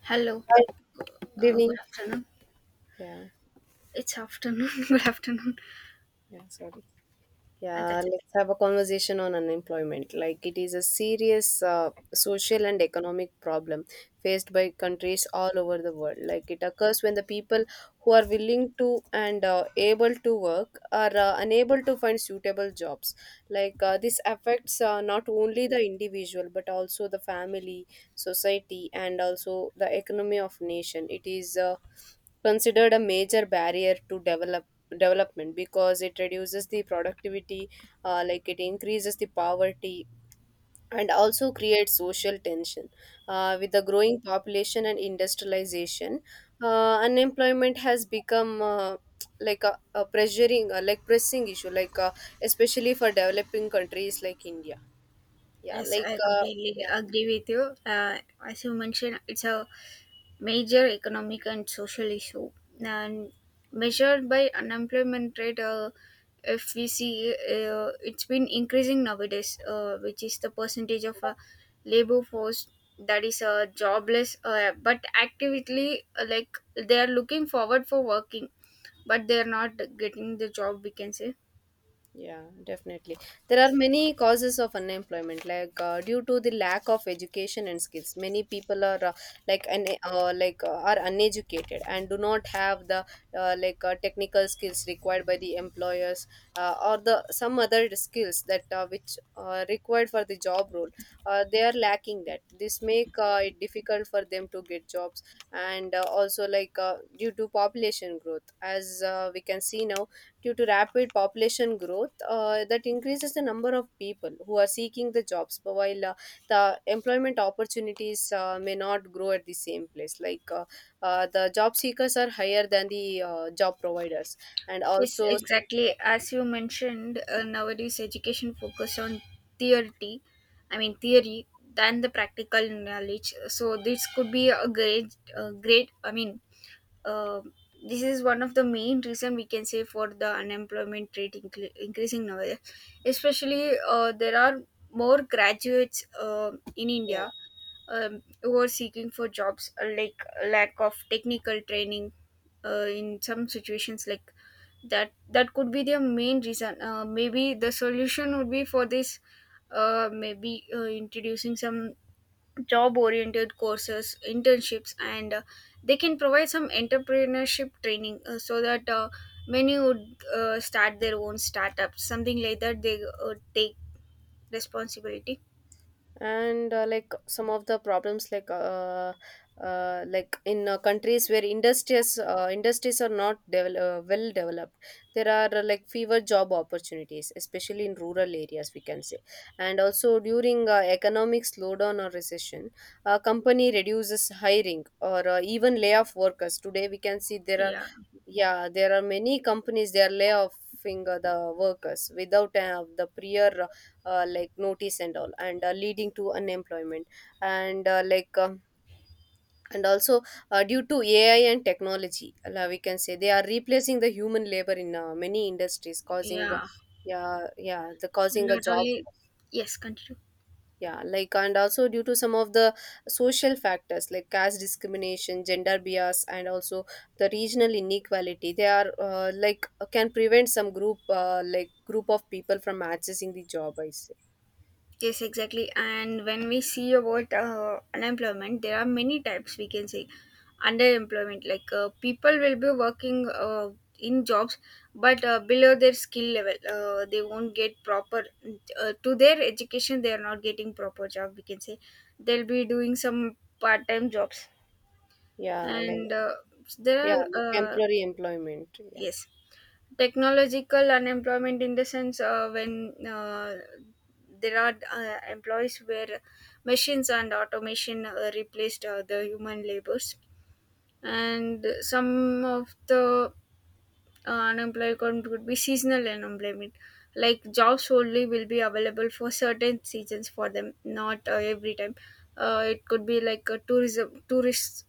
Hello. Hi, good Good evening. afternoon. Yeah, It's afternoon. good afternoon. yeah, sorry. Yeah, That's it. let's have a conversation on unemployment. Like, it is a serious social and economic problem faced by countries all over the world. Like, it occurs when the people who are willing to and able to work are unable to find suitable jobs. Like, this affects not only the individual but also the family, society, and also the economy of nation. It is considered a major barrier to development because it reduces the productivity. Like, it increases the poverty and also creates social tension. With the growing population and industrialization, unemployment has become like, a pressuring, like, pressing issue, like especially for developing countries like India. Yeah, Yes, like, I completely yeah. agree with you. Uh, as you mentioned, it's a major economic and social issue and measured by unemployment rate, if we see, it's been increasing nowadays, which is the percentage of labor force that is jobless, but actively, like they are looking forward for working but they are not getting the job we can say. Yeah, definitely. There are many causes of unemployment, like due to the lack of education and skills. Many people are like un- like are uneducated and do not have the technical skills required by the employers, or the some other skills that which are required for the job role. They are lacking that. This make it difficult for them to get jobs, and also, like due to population growth, as we can see now, due to rapid population growth, that increases the number of people who are seeking the jobs, but while the employment opportunities may not grow at the same place, like the job seekers are higher than the job providers, and Yes, also, exactly. As you mentioned, nowadays education focus on theory, I mean theory, than the practical knowledge. So this could be a great. uh, this is one of the main reason we can say for the unemployment rate increasing nowadays. Especially, there are more graduates in yeah. India, who are seeking for jobs, like lack of technical training, in some situations like that could be their main reason. Maybe the solution would be for this, maybe introducing some job oriented courses, internships, and they can provide some entrepreneurship training, so that, many would start their own startups, something like that, they take responsibility. And like, some of the problems, like in countries where industries are not well developed, there are like, fewer job opportunities, especially in rural areas, we can say. And also during economic slowdown or recession, a company reduces hiring or even lay off workers, today we can see there. Yeah. Yeah, there are many companies, they are layoffing the workers without the prior like, notice and all, and leading to unemployment. And and also, due to AI and technology, we can say they are replacing the human labor in many industries, causing, Yeah, yeah, yeah, the causing a not job. only. Yes, continue. Yeah, like, and also due to some of the social factors like caste discrimination, gender bias, and also the regional inequality, they are like, can prevent some group, like, group of people from accessing the job, I say. Yes, exactly, and when we see about unemployment there are many types we can say. Underemployment, like people will be working, in jobs but below their skill level, they won't get proper, to their education they are not getting proper job we can say. They'll be doing some part-time jobs. Yeah, like, And yeah, there are like, temporary employment, yeah. yes, technological unemployment, in the sense when there are employees where machines and automation replaced the human labors. And some of the unemployed could be seasonal unemployment, like jobs only will be available for certain seasons for them, not every time. It could be like a tourism, tourist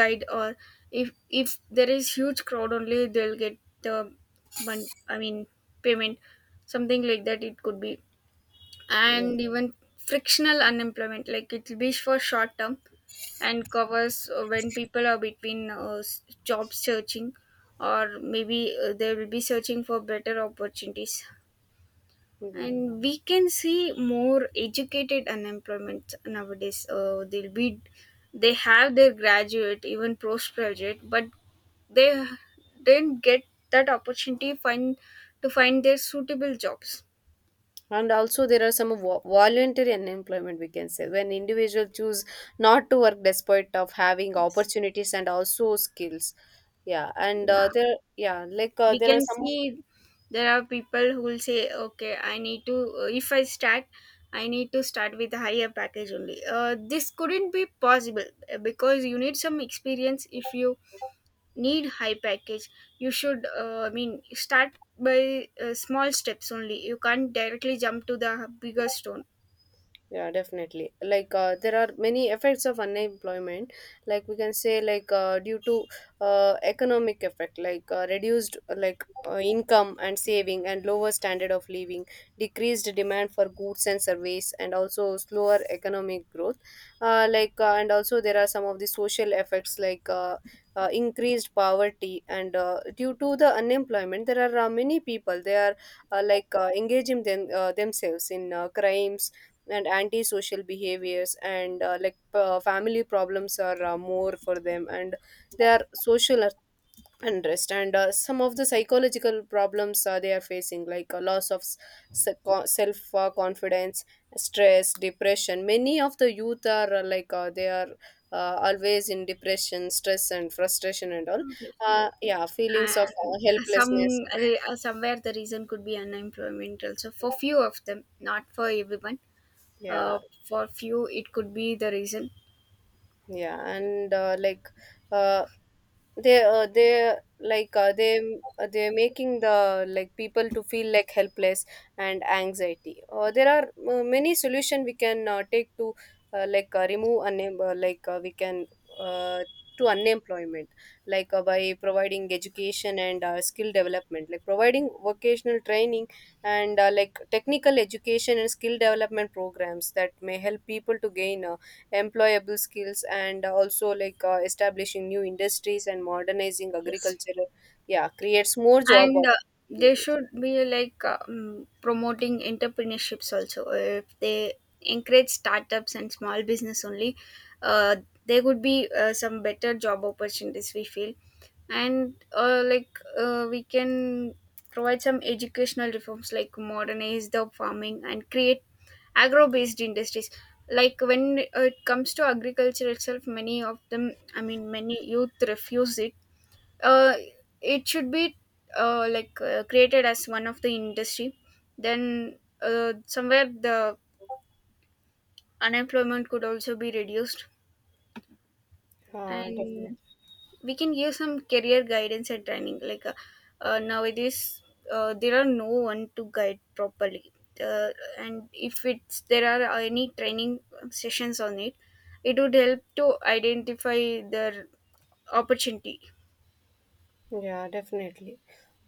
guide, or if there is huge crowd, only they'll get the money I mean payment, something like that, it could be. Yeah, And even frictional unemployment, like it will be for short term, and covers when people are between, job searching, or maybe they will be searching for better opportunities. yeah. And we can see more educated unemployment nowadays, they'll be, they have their graduate even postgraduate, but they didn't get that opportunity find to find their suitable jobs. And also there are some voluntary unemployment, we can say, when individual choose not to work despite of having Yes. opportunities and also skills. Yeah, and Yeah, there, yeah, like we there are can some. see there are people who will say, okay, I need to, if I start, I need to start with a higher package only. This couldn't be possible, because you need some experience. If you need high package, you should, start by small steps only. You can't directly jump to the bigger stone. Yeah, definitely, like there are many effects of unemployment, like, we can say, like due to economic effect, like reduced, like income and saving, and lower standard of living, decreased demand for goods and service, and also slower economic growth. Like, and also there are some of the social effects, like increased poverty. And due to the unemployment, there are many people, they are like, engaging them, themselves in crimes and antisocial behaviors, and like family problems are more for them. And they are social unrest, and some of the psychological problems they are facing, like a loss of self, confidence, stress, depression. Many of the youth are like, they are always in depression, stress, and frustration, and all. Completely. Yeah, feelings of And some, helplessness. Somewhere the reason could be unemployment also, for few of them, not for everyone. Uh, Yeah, for few, it could be the reason. yeah. And like, uh, they they, like they're making the, like, people to feel like helpless and anxiety. There are many solution we can take to, like remove like we can, uh, to unemployment, like by providing education and skill development, like providing vocational training, and like technical education and skill development programs that may help people to gain employable skills, and also like establishing new industries and modernizing Yes. agriculture. Yeah, creates more job And they opportunities. should be like, promoting entrepreneurships also. If they encourage startups and small business only, uh, there would be some better job opportunities we feel. And we can provide some educational reforms, like modernize the farming and create agro based industries. Like when it comes to agriculture itself, many of them, many youth refuse it. uh, it should be, created as one of the industry. Then somewhere the unemployment could also be reduced. Definitely. And we can give some career guidance and training, like, nowadays, there are no one to guide properly. uh, and if it's there are any training sessions on it, it would help to identify their opportunity. Yeah, definitely.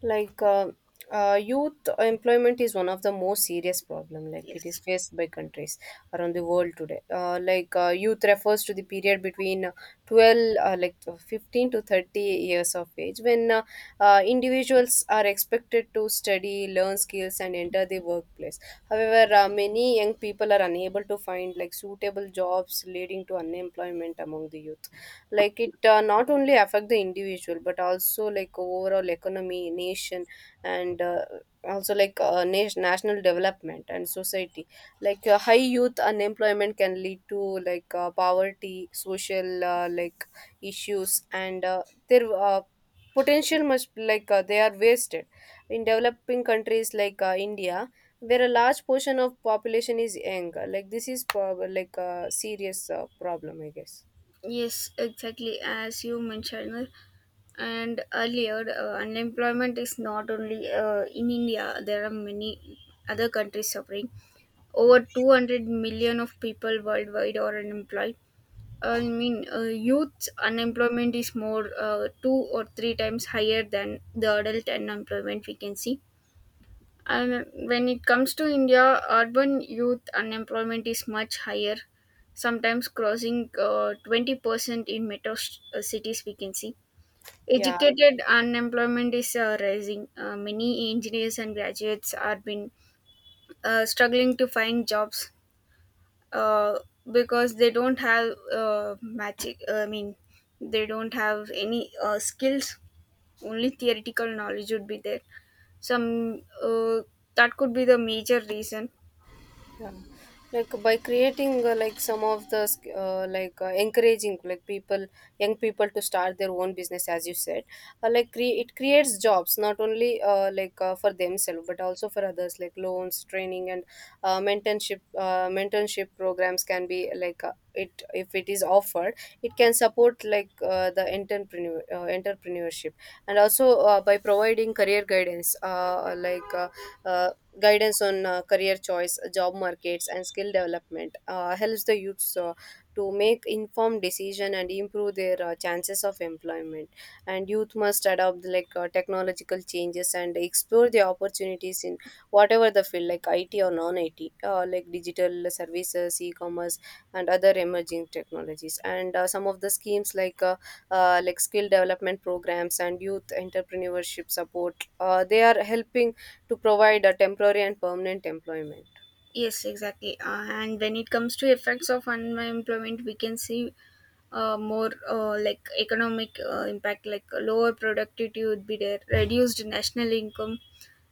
Like youth employment is one of the most serious problem. Like, it is Yes. faced by countries around the world today. Like, youth refers to the period between 12, like, 15 to 30 years of age, when individuals are expected to study, learn skills, and enter the workplace. However, many young people are unable to find like suitable jobs, leading to unemployment among the youth. Like, it not only affect the individual but also like overall economy, nation, and also like nation, national development and society. Like high youth unemployment can lead to like poverty, social, like, issues, and their potential must, like they are wasted in developing countries like India, where a large portion of population is young. Like, this is like a serious problem, I guess. Yes, exactly, as you mentioned. And earlier, unemployment is not only, in India, there are many other countries suffering. Over 200 million of people worldwide are unemployed. Youth unemployment is more, two or three times higher than the adult unemployment, we can see. And when it comes to India, urban youth unemployment is much higher, sometimes crossing 20% in metro, cities, we can see. Yeah. Educated unemployment is rising. Many engineers and graduates are been struggling to find jobs, uh, because they don't have, they don't have any skills. Only theoretical knowledge would be there. Some, that could be the major reason. Yeah. Like, by creating like some of the, like encouraging like people, young people to start their own business, as you said, like, it creates jobs, not only like for themselves but also for others, like loans, training, and mentorship programs can be, like it, if it is offered, it can support, like the entrepreneurship. And also, by providing career guidance, like uh, guidance on career choice, job markets, and skill development helps the youths to make informed decision and improve their chances of employment. And youth must adopt like technological changes and explore the opportunities in whatever the field, like IT or non-IT, like digital services, e-commerce, and other emerging technologies. And some of the schemes, like skill development programs and youth entrepreneurship support, they are helping to provide a temporary and permanent employment. Yes, exactly. And when it comes to effects of unemployment, we can see more like economic impact, like lower productivity would be there, reduced national income,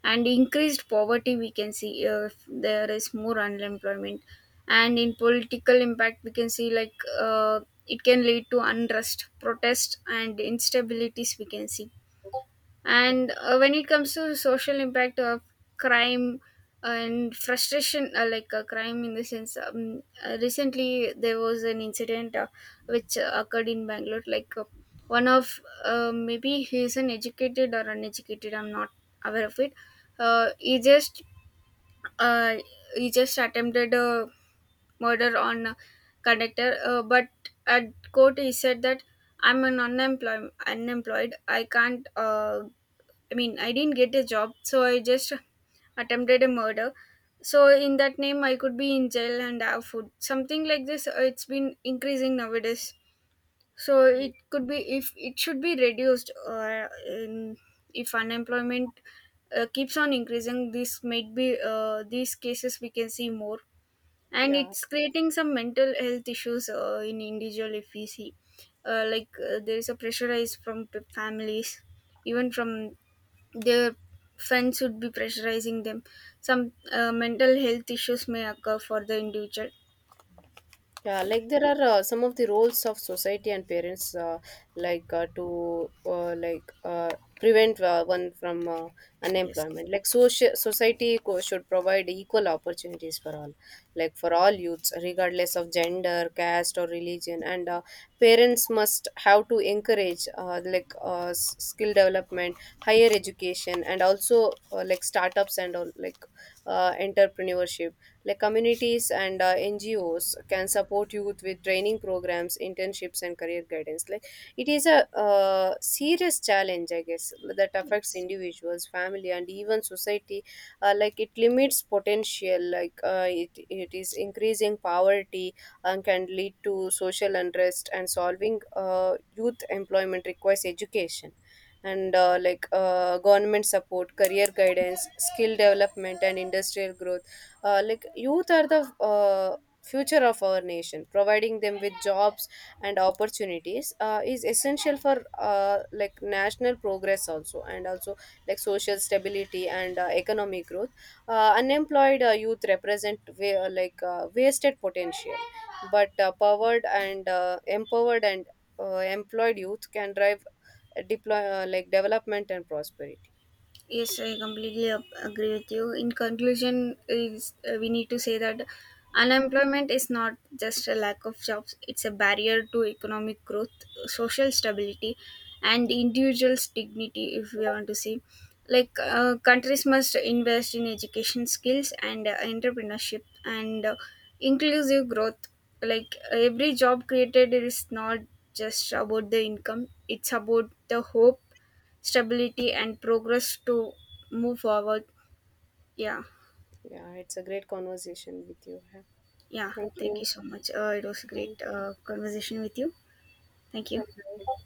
and increased poverty, we can see, if there is more unemployment. And in political impact, we can see like, uh, it can lead to unrest, protest, and instabilities, we can see. And when it comes to social impact of crime and frustration, crime in the sense, recently there was an incident which occurred in Bangalore. Like one of, maybe he is an educated or uneducated, I'm not aware of it. Uh, he just uh, he just attempted a murder on a conductor, but at court he said that I'm an unemployed. Unemployed. I can't, I didn't get a job, so I just attempted a murder. So in that name, I could be in jail and have food. Something like this. It's been increasing nowadays. So it could be, if it should be reduced. If unemployment keeps on increasing, this might be, these cases we can see more, and Yeah. it's creating some mental health issues in individual if we see. There is a pressurize from families, even from their friends would be pressurizing them. Some mental health issues may occur for the individual. Yeah, Yeah. like there are some of the roles of society and parents, like to, like, prevent, one from Yes. unemployment. Like, social society should provide equal opportunities for all, like for all youths, regardless of gender, caste, or religion. And parents must have to encourage like, skill development, higher education, and also like startups and all, like entrepreneurship, like communities and NGOs can support youth with training programs, internships, and career guidance. Like, it is a serious challenge, I guess, that affects Yes, individuals, family, and even society. Like, it limits potential, like it is increasing poverty and can lead to social unrest. And solving youth employment requires education and like government support, career guidance, skill development, and industrial growth. Like, youth are the future of our nation, providing them with jobs and opportunities is essential for like, national progress also, and also like social stability and economic growth. Unemployed youth represent like wasted potential, but powered and empowered and employed youth can drive, deploy, like, development and prosperity. Yes, I completely agree with you. In conclusion, is we need to say that unemployment is not just a lack of jobs; it's a barrier to economic growth, social stability, and individuals' dignity. If we want to see, like countries must invest in education, skills, and entrepreneurship and inclusive growth. Like every job created is not just about the income; it's about the hope, stability, and progress to move forward. Yeah. Yeah, it's a great conversation with you. Yeah, Yeah, thank thank you you. so much. It was a great Bye. Conversation with you. Thank you. Bye.